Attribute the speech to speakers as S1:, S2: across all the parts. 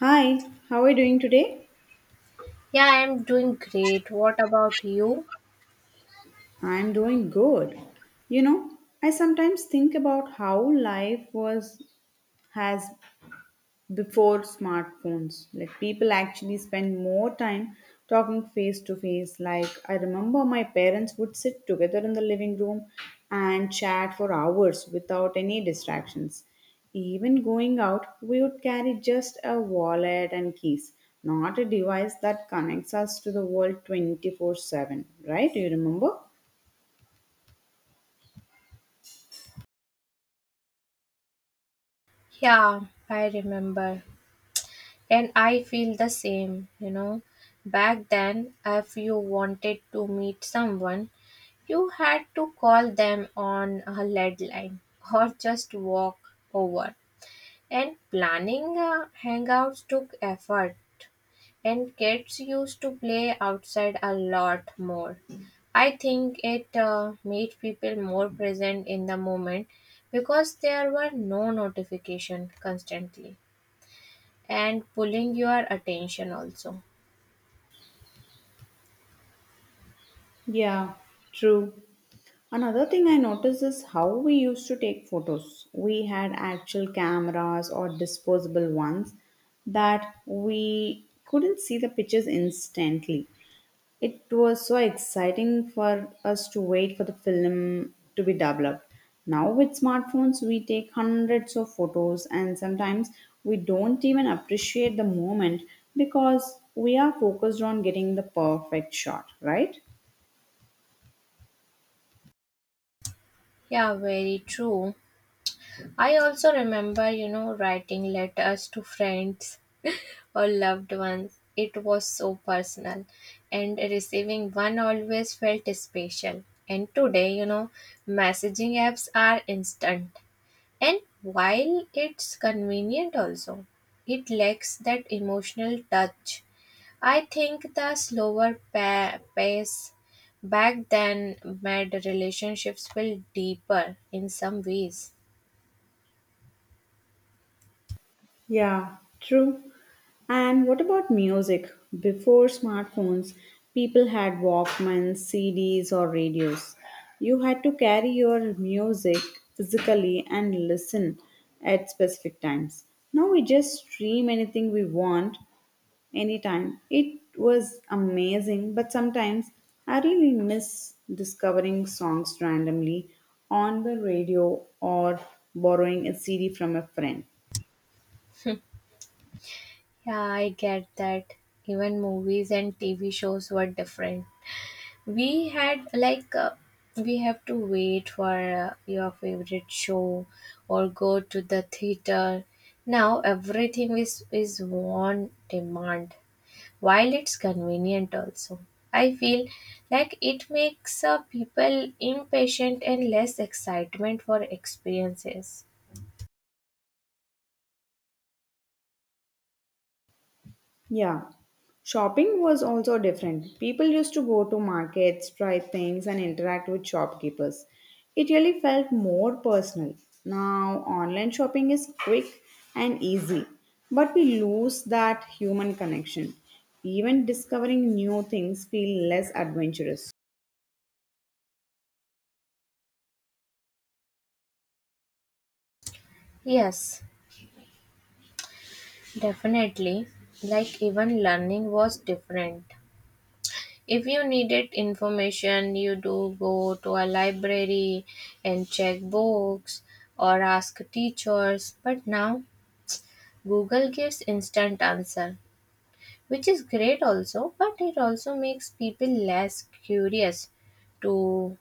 S1: Hi, how are you doing today?
S2: Yeah, I'm doing great. What about you?
S1: I'm doing good. You know, I sometimes think about how life was has before smartphones. Like people actually spend more time talking face to face. Like I remember my parents would sit together in the living room and chat for hours without any distractions. Even going out, we would carry just a wallet and keys, not a device that connects us to the world 24/7. Right? Do you remember?
S2: Yeah, I remember. And I feel the same, you know. Back then, if you wanted to meet someone, you had to call them on a lead line or just walk over. And planning hangouts took effort, and kids used to play outside a lot more. I think it made people more present in the moment because there were no notification constantly and pulling your attention also.
S1: Yeah, true. Another thing I noticed is how we used to take photos. We had actual cameras or disposable ones that we couldn't see the pictures instantly. It was so exciting for us to wait for the film to be developed. Now, with smartphones, we take hundreds of photos, and sometimes we don't even appreciate the moment because we are focused on getting the perfect shot, right?
S2: Yeah, very true. I also remember, you know, writing letters to friends or loved ones. It was so personal, and receiving one always felt special. And today, you know, messaging apps are instant. And while it's convenient, also, it lacks that emotional touch. I think the slower pace back then made relationships feel deeper in some ways.
S1: Yeah, true. And what about music? Before smartphones, people had Walkmans, CDs, or radios. You had to carry your music physically and listen at specific times. Now we just stream anything we want anytime. It was amazing, but sometimes I really miss discovering songs randomly on the radio or borrowing a CD from a friend.
S2: Yeah, I get that. Even movies and TV shows were different. We had like we have to wait for your favorite show or go to the theater. Now everything is on demand. While it's convenient also. I feel like it makes people impatient and less excitement for experiences.
S1: Yeah. Shopping was also different. People used to go to markets, try things, and interact with shopkeepers. It really felt more personal. Now, online shopping is quick and easy, but we lose that human connection. Even discovering new things feel less adventurous.
S2: Yes, definitely. Like even learning was different. If you needed information, you do go to a library and check books or ask teachers. But now Google gives instant answer, which is great also, but it also makes people less curious to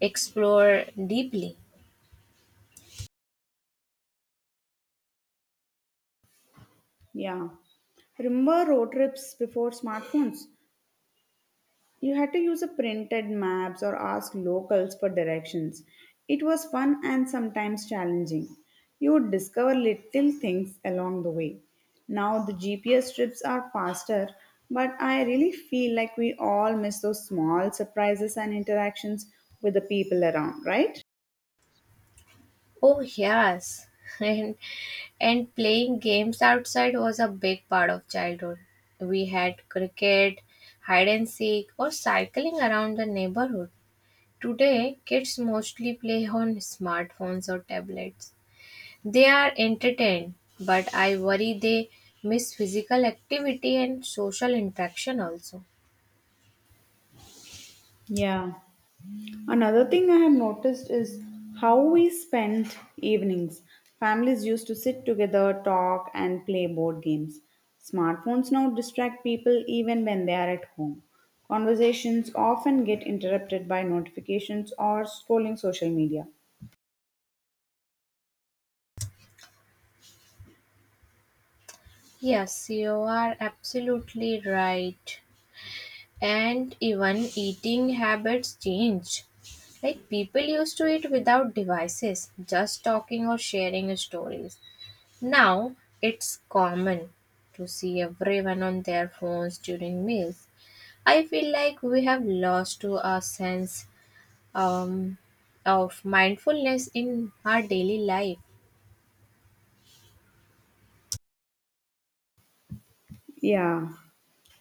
S2: explore deeply.
S1: Yeah. Remember road trips before smartphones? You had to use a printed maps or ask locals for directions. It was fun and sometimes challenging. You would discover little things along the way. Now the GPS trips are faster, but I really feel like we all miss those small surprises and interactions with the people around, right?
S2: Oh yes. And and playing games outside was a big part of childhood. We had cricket, hide and seek, or cycling around the neighborhood. Today, kids mostly play on smartphones or tablets. They are entertained, but I worry they miss physical activity and social interaction also.
S1: Yeah. Another thing I have noticed is how we spent evenings. Families used to sit together, talk, and play board games. Smartphones now distract people even when they are at home. Conversations often get interrupted by notifications or scrolling social media.
S2: Yes, you are absolutely right. And even eating habits change. Like people used to eat without devices, just talking or sharing stories. Now it's common to see everyone on their phones during meals. I feel like we have lost to our sense um, of mindfulness in our daily life.
S1: Yeah.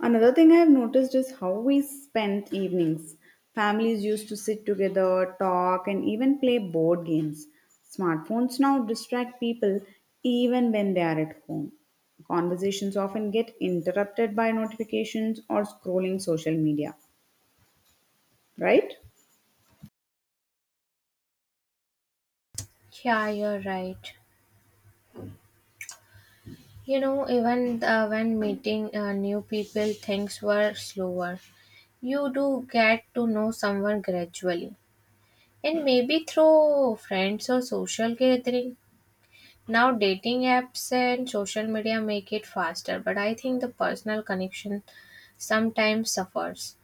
S1: Another thing I've noticed is how we spent evenings. Families used to sit together, talk, and even play board games. Smartphones now distract people even when they are at home. Conversations often get interrupted by notifications or scrolling social media, right?
S2: Yeah, you're right. You know, even when meeting new people, things were slower. You do get to know someone gradually, and maybe through friends or social gathering. Now, dating apps and social media make it faster, but I think the personal connection sometimes suffers.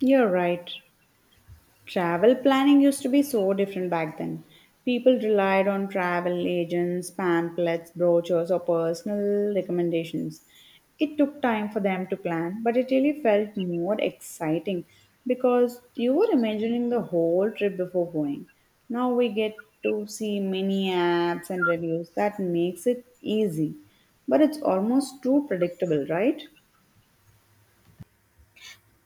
S1: You're right. Travel planning used to be so different back then. People relied on travel agents, pamphlets, brochures, or personal recommendations. It took time for them to plan, but it really felt more exciting because you were imagining the whole trip before going. Now we get to see many apps and reviews that makes it easy, but it's almost too predictable, right?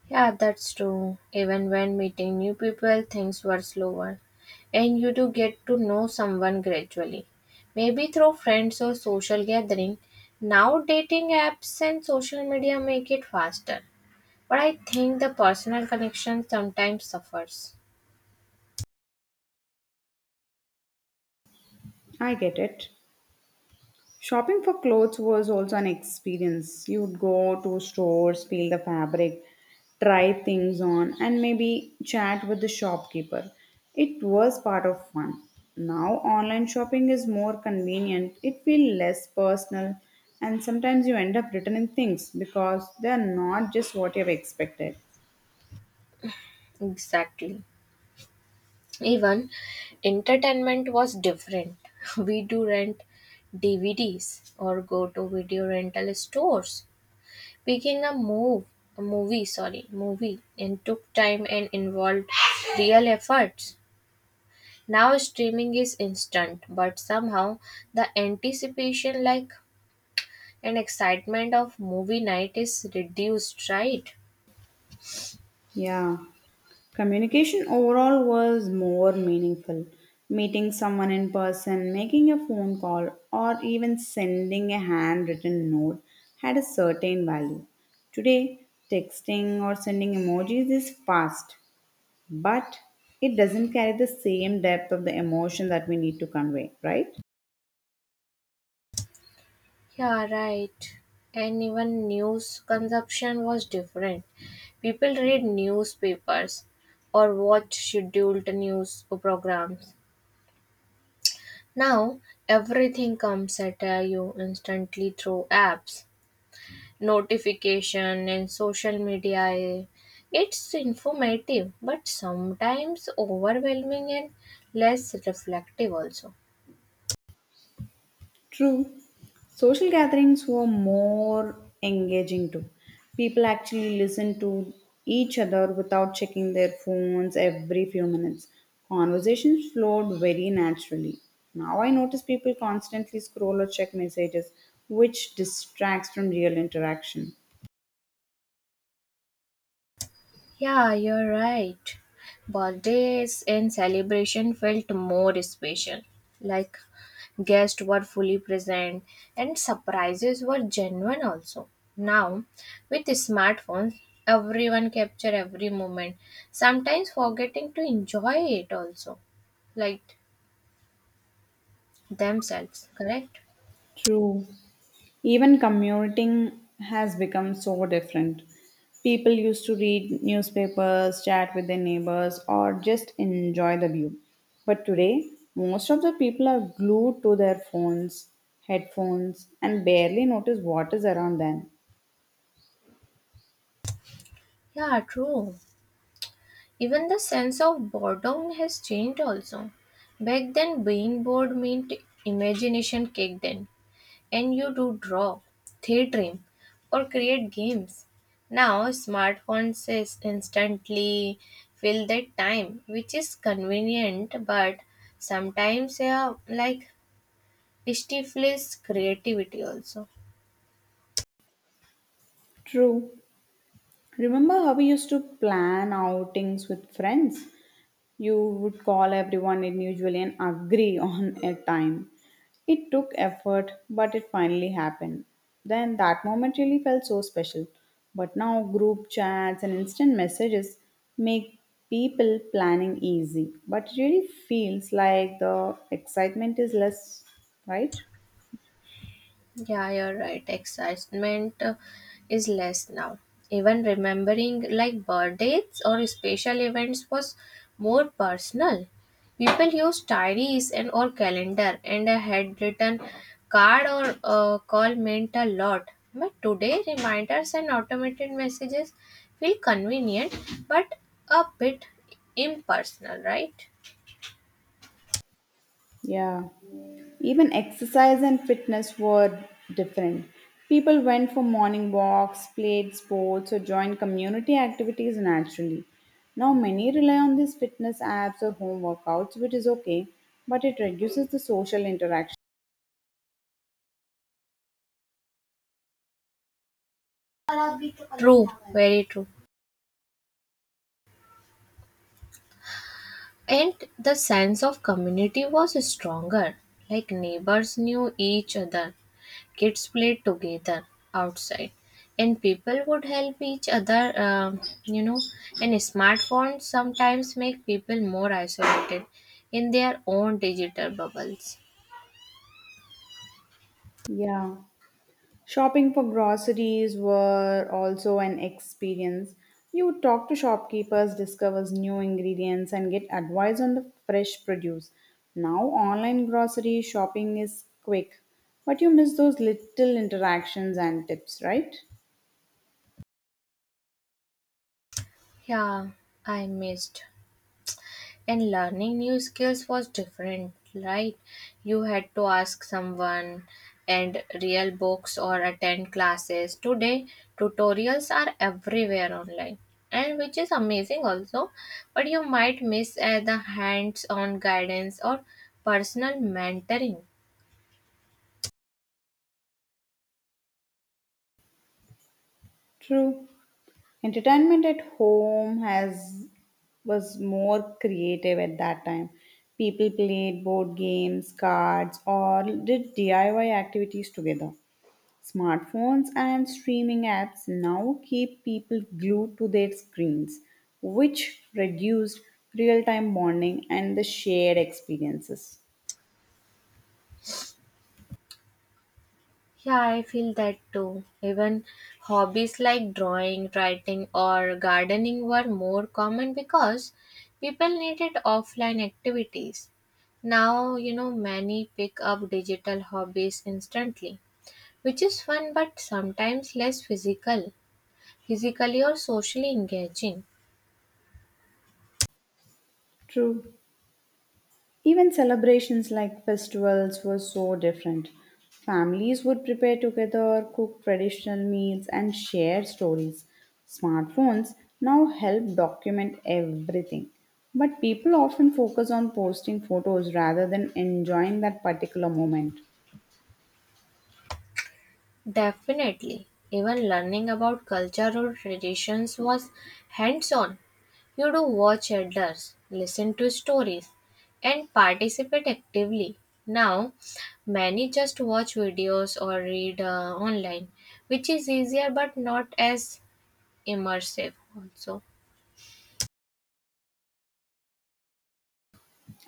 S2: Yeah, that's true. Even when meeting new people, things were slower. And you do get to know someone gradually. Maybe through friends or social gathering. Now dating apps and social media make it faster. But I think the personal connection sometimes suffers.
S1: I get it. Shopping for clothes was also an experience. You would go to stores, feel the fabric, try things on, and maybe chat with the shopkeeper. It was part of fun. Now, online shopping is more convenient, it feels less personal, and sometimes you end up returning things because they are not just what you have expected.
S2: Exactly. Even entertainment was different. We do rent DVDs or go to video rental stores. Making a move a movie, sorry, movie and took time and involved real efforts. Now streaming is instant, but somehow the anticipation like and excitement of movie night is reduced, right?
S1: Yeah. Communication overall was more meaningful. Meeting someone in person, making a phone call, or even sending a handwritten note had a certain value. Today, texting or sending emojis is fast, but it doesn't carry the same depth of the emotion that we need to convey, right?
S2: Yeah, right. And even news consumption was different. People read newspapers or watch scheduled news programs. Now everything comes at you instantly through apps. Notification and social media, it's informative but sometimes overwhelming and less reflective also.
S1: True. Social gatherings were more engaging too. People actually listened to each other without checking their phones every few minutes. Conversations flowed very naturally. Now I notice people constantly scroll or check messages, which distracts from real interaction.
S2: Yeah, you're right. Birthdays and celebration felt more special, like guests were fully present and surprises were genuine also. Now, with smartphones, everyone capture every moment, sometimes forgetting to enjoy it also, like themselves, correct?
S1: True. Even commuting has become so different. People used to read newspapers, chat with their neighbors, or just enjoy the view. But today, most of the people are glued to their phones, headphones, and barely notice what is around them.
S2: Yeah, true. Even the sense of boredom has changed also. Back then, being bored meant imagination kicked in, and you do draw, daydream, or create games. Now, smartphones is instantly fill that time, which is convenient, but sometimes, yeah, like stifles creativity also.
S1: True. Remember how we used to plan outings with friends? You would call everyone individually and agree on a time. It took effort, but it finally happened. Then that moment really felt so special. But now group chats and instant messages make people planning easy. But it really feels like the excitement is less, right?
S2: Yeah, you're right. Excitement is less now. Even remembering like birthdays or special events was more personal. People used diaries and or calendar and a handwritten card or call meant a lot. But today, reminders and automated messages feel convenient but a bit impersonal, right?
S1: Yeah. Even exercise and fitness were different. People went for morning walks, played sports, or joined community activities naturally. Now, many rely on these fitness apps or home workouts, which is okay, but it reduces the social interaction.
S2: True, very true. And the sense of community was stronger. Like neighbors knew each other, kids played together outside, and people would help each other, you know. And smartphones sometimes make people more isolated in their own digital bubbles.
S1: Yeah. Shopping for groceries were also an experience. You talk to shopkeepers, discovers new ingredients, and get advice on the fresh produce. Now, online grocery shopping is quick, but you miss those little interactions and tips, right?
S2: Yeah, I missed. And learning new skills was different, right? You had to ask someone and real books or attend classes. Today tutorials are everywhere online and which is amazing also, but you might miss the hands on guidance or personal mentoring.
S1: True. Entertainment at home has was more creative at that time. People played board games, cards, or did DIY activities together. Smartphones and streaming apps now keep people glued to their screens, which reduced real time bonding and the shared experiences.
S2: Yeah, I feel that too. Even hobbies like drawing, writing, or gardening were more common because people needed offline activities. Now, you know, many pick up digital hobbies instantly, which is fun but sometimes less physical, physically or socially engaging.
S1: True. Even celebrations like festivals were so different. Families would prepare together, cook traditional meals, and share stories. Smartphones now help document everything. But people often focus on posting photos rather than enjoying that particular moment.
S2: Definitely. Even learning about cultural traditions was hands on. You do watch elders, listen to stories, and participate actively. Now, many just watch videos or read online, which is easier but not as immersive, also.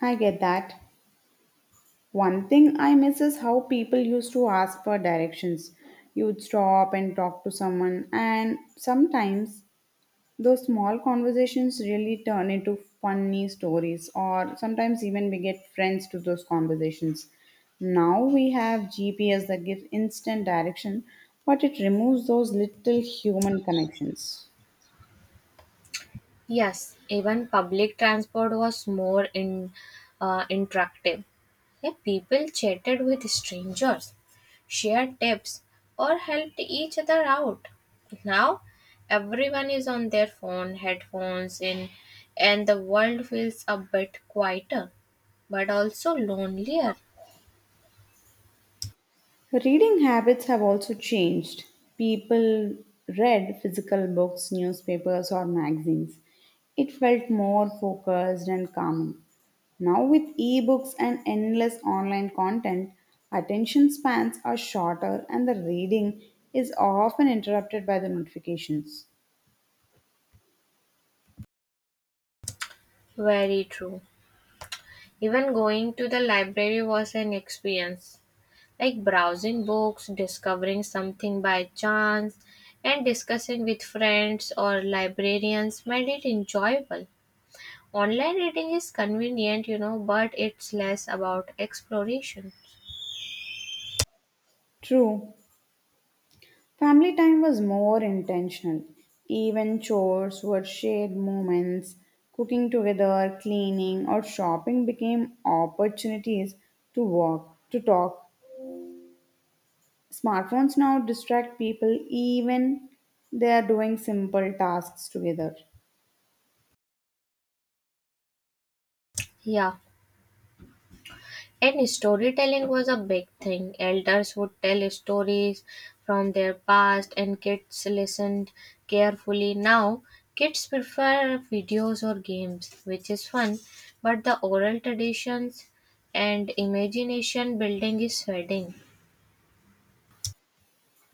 S1: I get that. One thing I miss is how people used to ask for directions. You'd stop and talk to someone, and sometimes those small conversations really turn into funny stories, or sometimes even we get friends to those conversations. Now we have GPS that gives instant direction, but it removes those little human connections.
S2: Yes, even public transport was more in, interactive. Yeah, people chatted with strangers, shared tips, or helped each other out. Now, everyone is on their phone, headphones in, and the world feels a bit quieter, but also lonelier.
S1: Reading habits have also changed. People read physical books, newspapers, or magazines. It felt more focused and calming. Now, with ebooks and endless online content, attention spans are shorter and the reading is often interrupted by the notifications.
S2: Very true. Even going to the library was an experience, like browsing books, discovering something by chance, and discussing with friends or librarians made it enjoyable. Online reading is convenient, you know, but it's less about exploration.
S1: True. Family time was more intentional. Even chores were shared moments. Cooking together, cleaning, or shopping became opportunities to walk, to talk. Smartphones now distract people even they are doing simple tasks together.
S2: Yeah, and storytelling was a big thing. Elders would tell stories from their past, and kids listened carefully. Now, kids prefer videos or games, which is fun, but the oral traditions and imagination building is fading.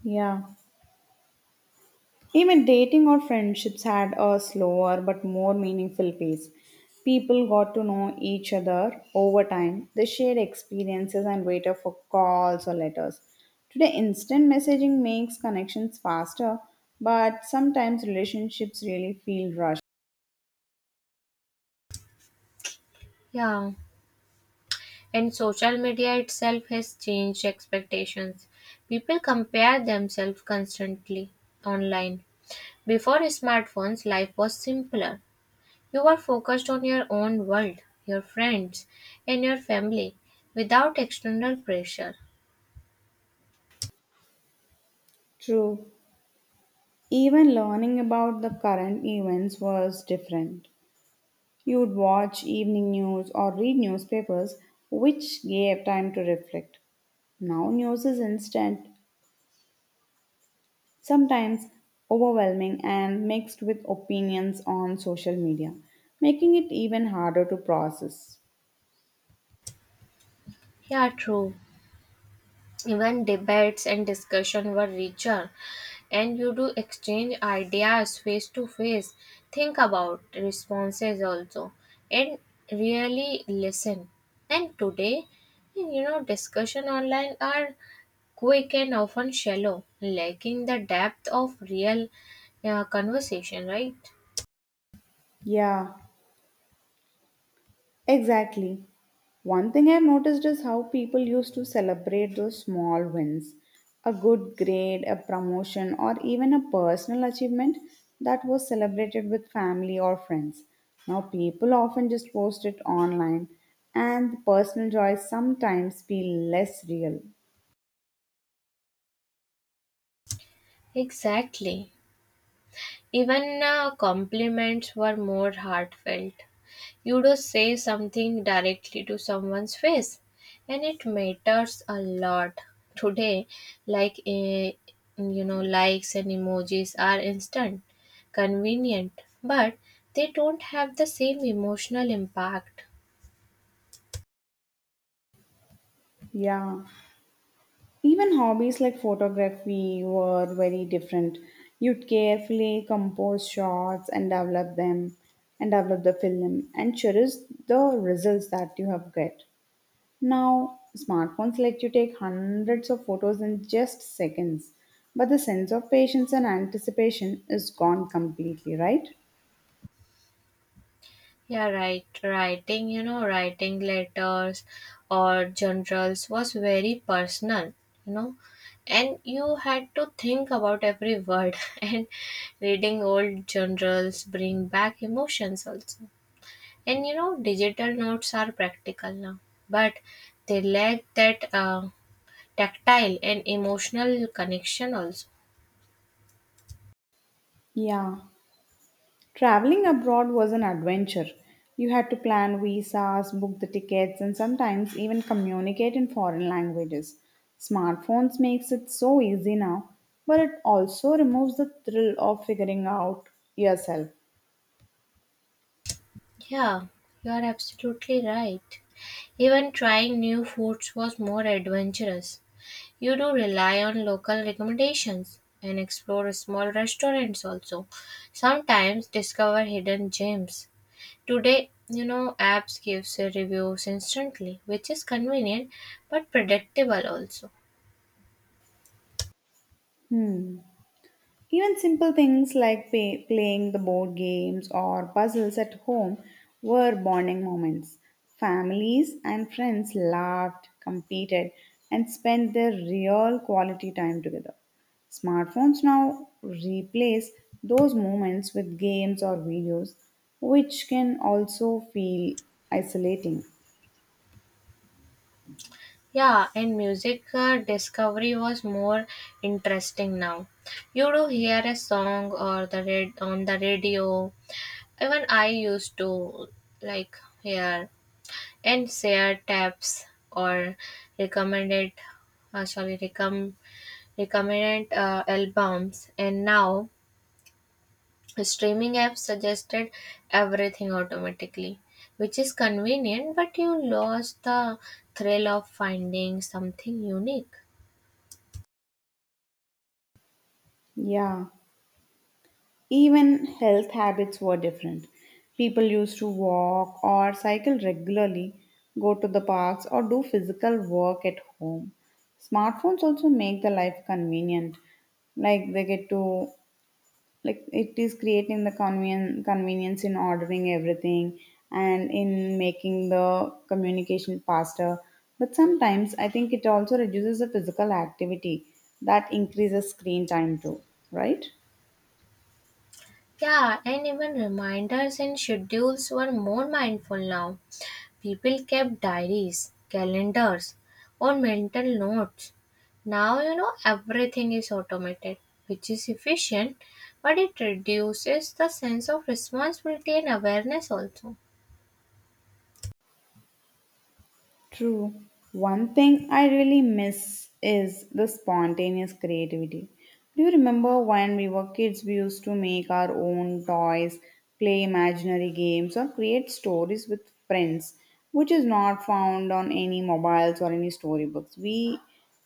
S1: Yeah. Even dating or friendships had a slower but more meaningful pace. People got to know each other over time. They shared experiences and waited for calls or letters. Today, instant messaging makes connections faster, but sometimes relationships really feel rushed.
S2: Yeah. And social media itself has changed expectations. People compare themselves constantly online. Before smartphones, life was simpler. You were focused on your own world, your friends, and your family without external pressure.
S1: True. Even learning about the current events was different. You would watch evening news or read newspapers, which gave time to reflect. Now news is instant, sometimes overwhelming and mixed with opinions on social media, making it even harder to process.
S2: Yeah, true. Even debates and discussion were richer, and you do exchange ideas face to face, think about responses also, and really listen. And today, you know, discussion online are quick and often shallow, lacking the depth of real conversation, right?
S1: Yeah, exactly. One thing I've noticed is how people used to celebrate those small wins, a good grade, a promotion, or even a personal achievement that was celebrated with family or friends. Now, people often just post it online, and the personal joys sometimes feel less real.
S2: Exactly. Even compliments were more heartfelt. You don't say something directly to someone's face, and it matters a lot today. Like you know, likes and emojis are instant, convenient, but they don't have the same emotional impact.
S1: Yeah. Even hobbies like photography were very different. You'd carefully compose shots and develop them and develop the film and cherish the results that you have get. Now smartphones let you take hundreds of photos in just seconds. But the sense of patience and anticipation is gone completely, right?
S2: Yeah, right. Writing, you know, writing letters or journals was very personal, you know, and you had to think about every word. And reading old journals bring back emotions also. And you know, digital notes are practical now, but they lack that tactile and emotional connection also.
S1: Yeah. Traveling abroad was an adventure. You had to plan visas, book the tickets, and sometimes even communicate in foreign languages. Smartphones makes it so easy now, but it also removes the thrill of figuring out yourself.
S2: Yeah, you are absolutely right. Even trying new foods was more adventurous. You do rely on local recommendations and explore small restaurants also. Sometimes discover hidden gems. Today, you know, apps gives you reviews instantly, which is convenient but predictable also.
S1: Even simple things like playing the board games or puzzles at home were bonding moments. Families and friends laughed, competed, and spent their real quality time together. Smartphones now replace those moments with games or videos, which can also feel isolating.
S2: Yeah, and music discovery was more interesting now. You do hear a song or the red on the radio. Even I used to like hear and share tabs or recommended sorry recomm recommended albums. And now streaming apps suggested everything automatically, which is convenient but you lost the thrill of finding something unique.
S1: Yeah. Even health habits were different. People used to walk or cycle regularly, go to the parks, or do physical work at home. Smartphones also make the life convenient. Like they get to like it is creating the convenience in ordering everything and in making the communication faster. But sometimes I think it also reduces the physical activity that increases screen time too, right?
S2: Yeah, and even reminders and schedules were more mindful now. People kept diaries, calendars, or mental notes. Now, you know, everything is automated, which is efficient, but it reduces the sense of responsibility and awareness also.
S1: True. One thing I really miss is the spontaneous creativity. Do you remember when we were kids, we used to make our own toys, play imaginary games, or create stories with friends, which is not found on any mobiles or any storybooks? We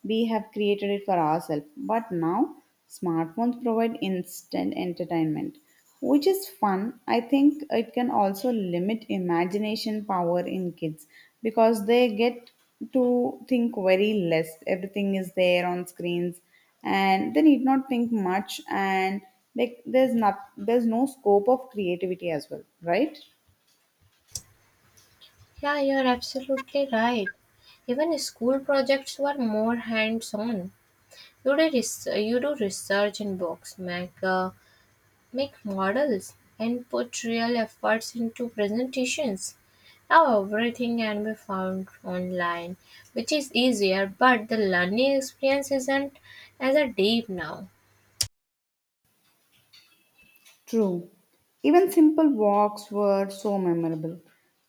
S1: we have created it for ourselves, but now smartphones provide instant entertainment which is fun. I think it can also limit imagination power in kids because they get to think very less. Everything is there on screens, and they need not think much. And like, there's no scope of creativity as well, right?
S2: Yeah, you're absolutely right. Even school projects were more hands on. You do, you do research in books, make make models, and put real efforts into presentations. Now everything can be found online, which is easier, but the learning experience isn't as a deep now.
S1: True. Even simple walks were so memorable.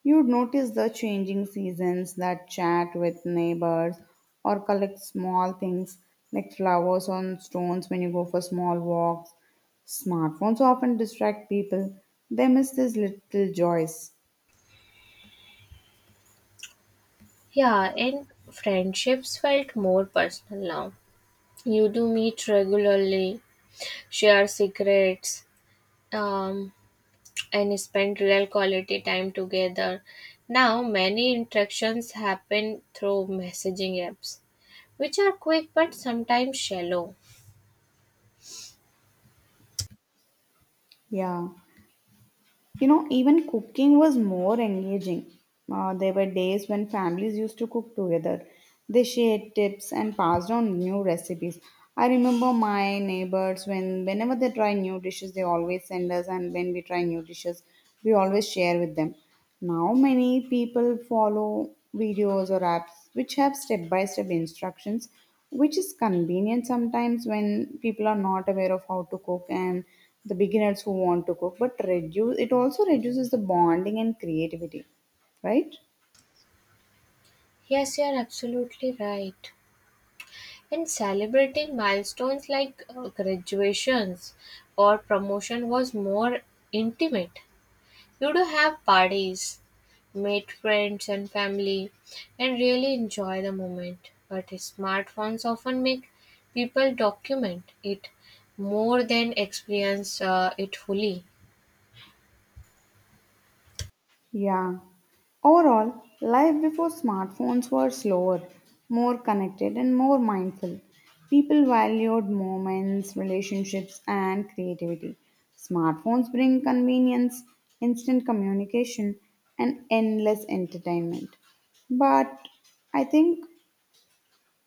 S1: You'd notice the changing seasons, that chat with neighbors, or collect small things like flowers on stones when you go for small walks. Smartphones often distract people. They miss these little joys.
S2: Yeah, and friendships felt more personal now. You do meet regularly, share secrets, um, and spend real quality time together. Now many interactions happen through messaging apps which are quick but sometimes shallow.
S1: Yeah. You know, even cooking was more engaging. There were days when families used to cook together. They shared tips and passed on new recipes. I remember my neighbors whenever they try new dishes, they always send us, and when we try new dishes, we always share with them. Now, many people follow videos or apps which have step by step instructions, which is convenient sometimes when people are not aware of how to cook and the beginners who want to cook, but reduce it also reduces the bonding and creativity, right?
S2: Yes, you're absolutely right. And celebrating milestones like graduations or promotion was more intimate. You do have parties, meet friends and family, and really enjoy the moment. But smartphones often make people document it more than experience it fully.
S1: Yeah. Overall, life before smartphones were slower, more connected, and more mindful. People valued moments, relationships, and creativity. Smartphones bring convenience, instant communication, and endless entertainment. But I think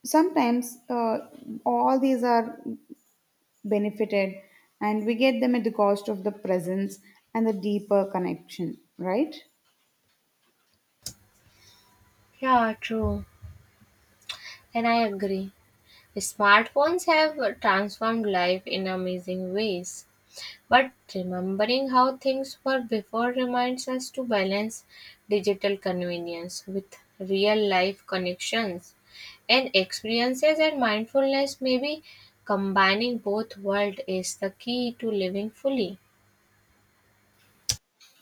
S1: sometimes all these are benefited, and we get them at the cost of the presence and the deeper connection, right?
S2: Yeah, true. And I agree. Smartphones have transformed life in amazing ways, but remembering how things were before reminds us to balance digital convenience with real life connections and experiences and mindfulness. Maybe combining both worlds is the key to living fully.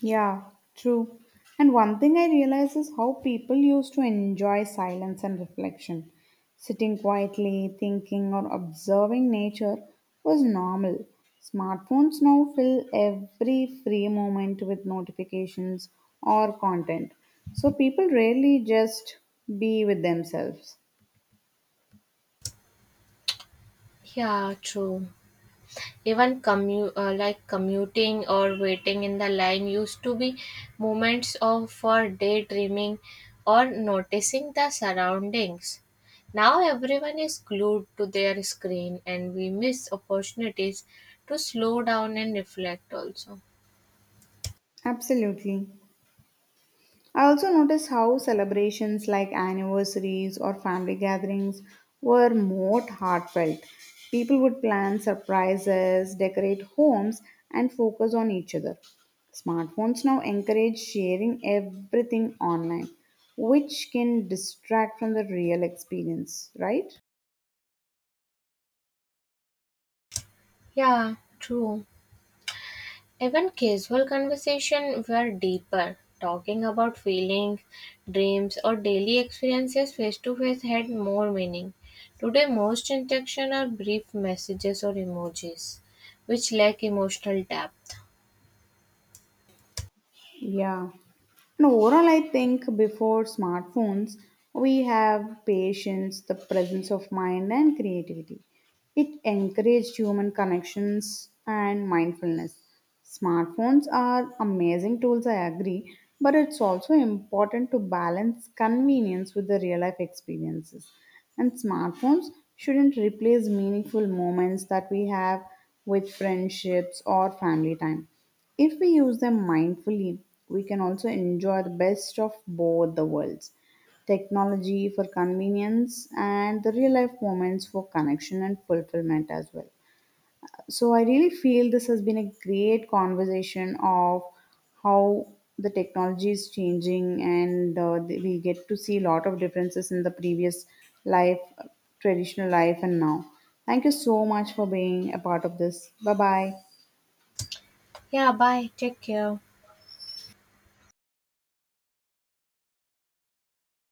S1: Yeah, true. And one thing I realize is how people used to enjoy silence and reflection. Sitting quietly, thinking, or observing nature was normal. Smartphones now fill every free moment with notifications or content. So people rarely just be with themselves.
S2: Yeah, true. Even like commuting or waiting in the line used to be moments of for daydreaming or noticing the surroundings. Now everyone is glued to their screen and we miss opportunities to slow down and reflect also.
S1: Absolutely. I also noticed how celebrations like anniversaries or family gatherings were more heartfelt. People would plan surprises, decorate homes, and focus on each other. Smartphones now encourage sharing everything online, which can distract from the real experience, right?
S2: Yeah, true. Even casual conversation were deeper, talking about feelings, dreams, or daily experiences face to face had more meaning. Today, most interactions are brief messages or emojis, which lack emotional depth.
S1: Yeah. And overall, I think before smartphones, we have patience, the presence of mind, and creativity. It encouraged human connections and mindfulness. Smartphones are amazing tools, I agree, but it's also important to balance convenience with the real life experiences. And smartphones shouldn't replace meaningful moments that we have with friendships or family time. If we use them mindfully, we can also enjoy the best of both the worlds, technology for convenience and the real life moments for connection and fulfillment as well. So, I really feel this has been a great conversation of how the technology is changing, and we get to see a lot of differences in the previous life, traditional life, and now. Thank you so much for being a part of this. Bye bye.
S2: Yeah, bye. Take care.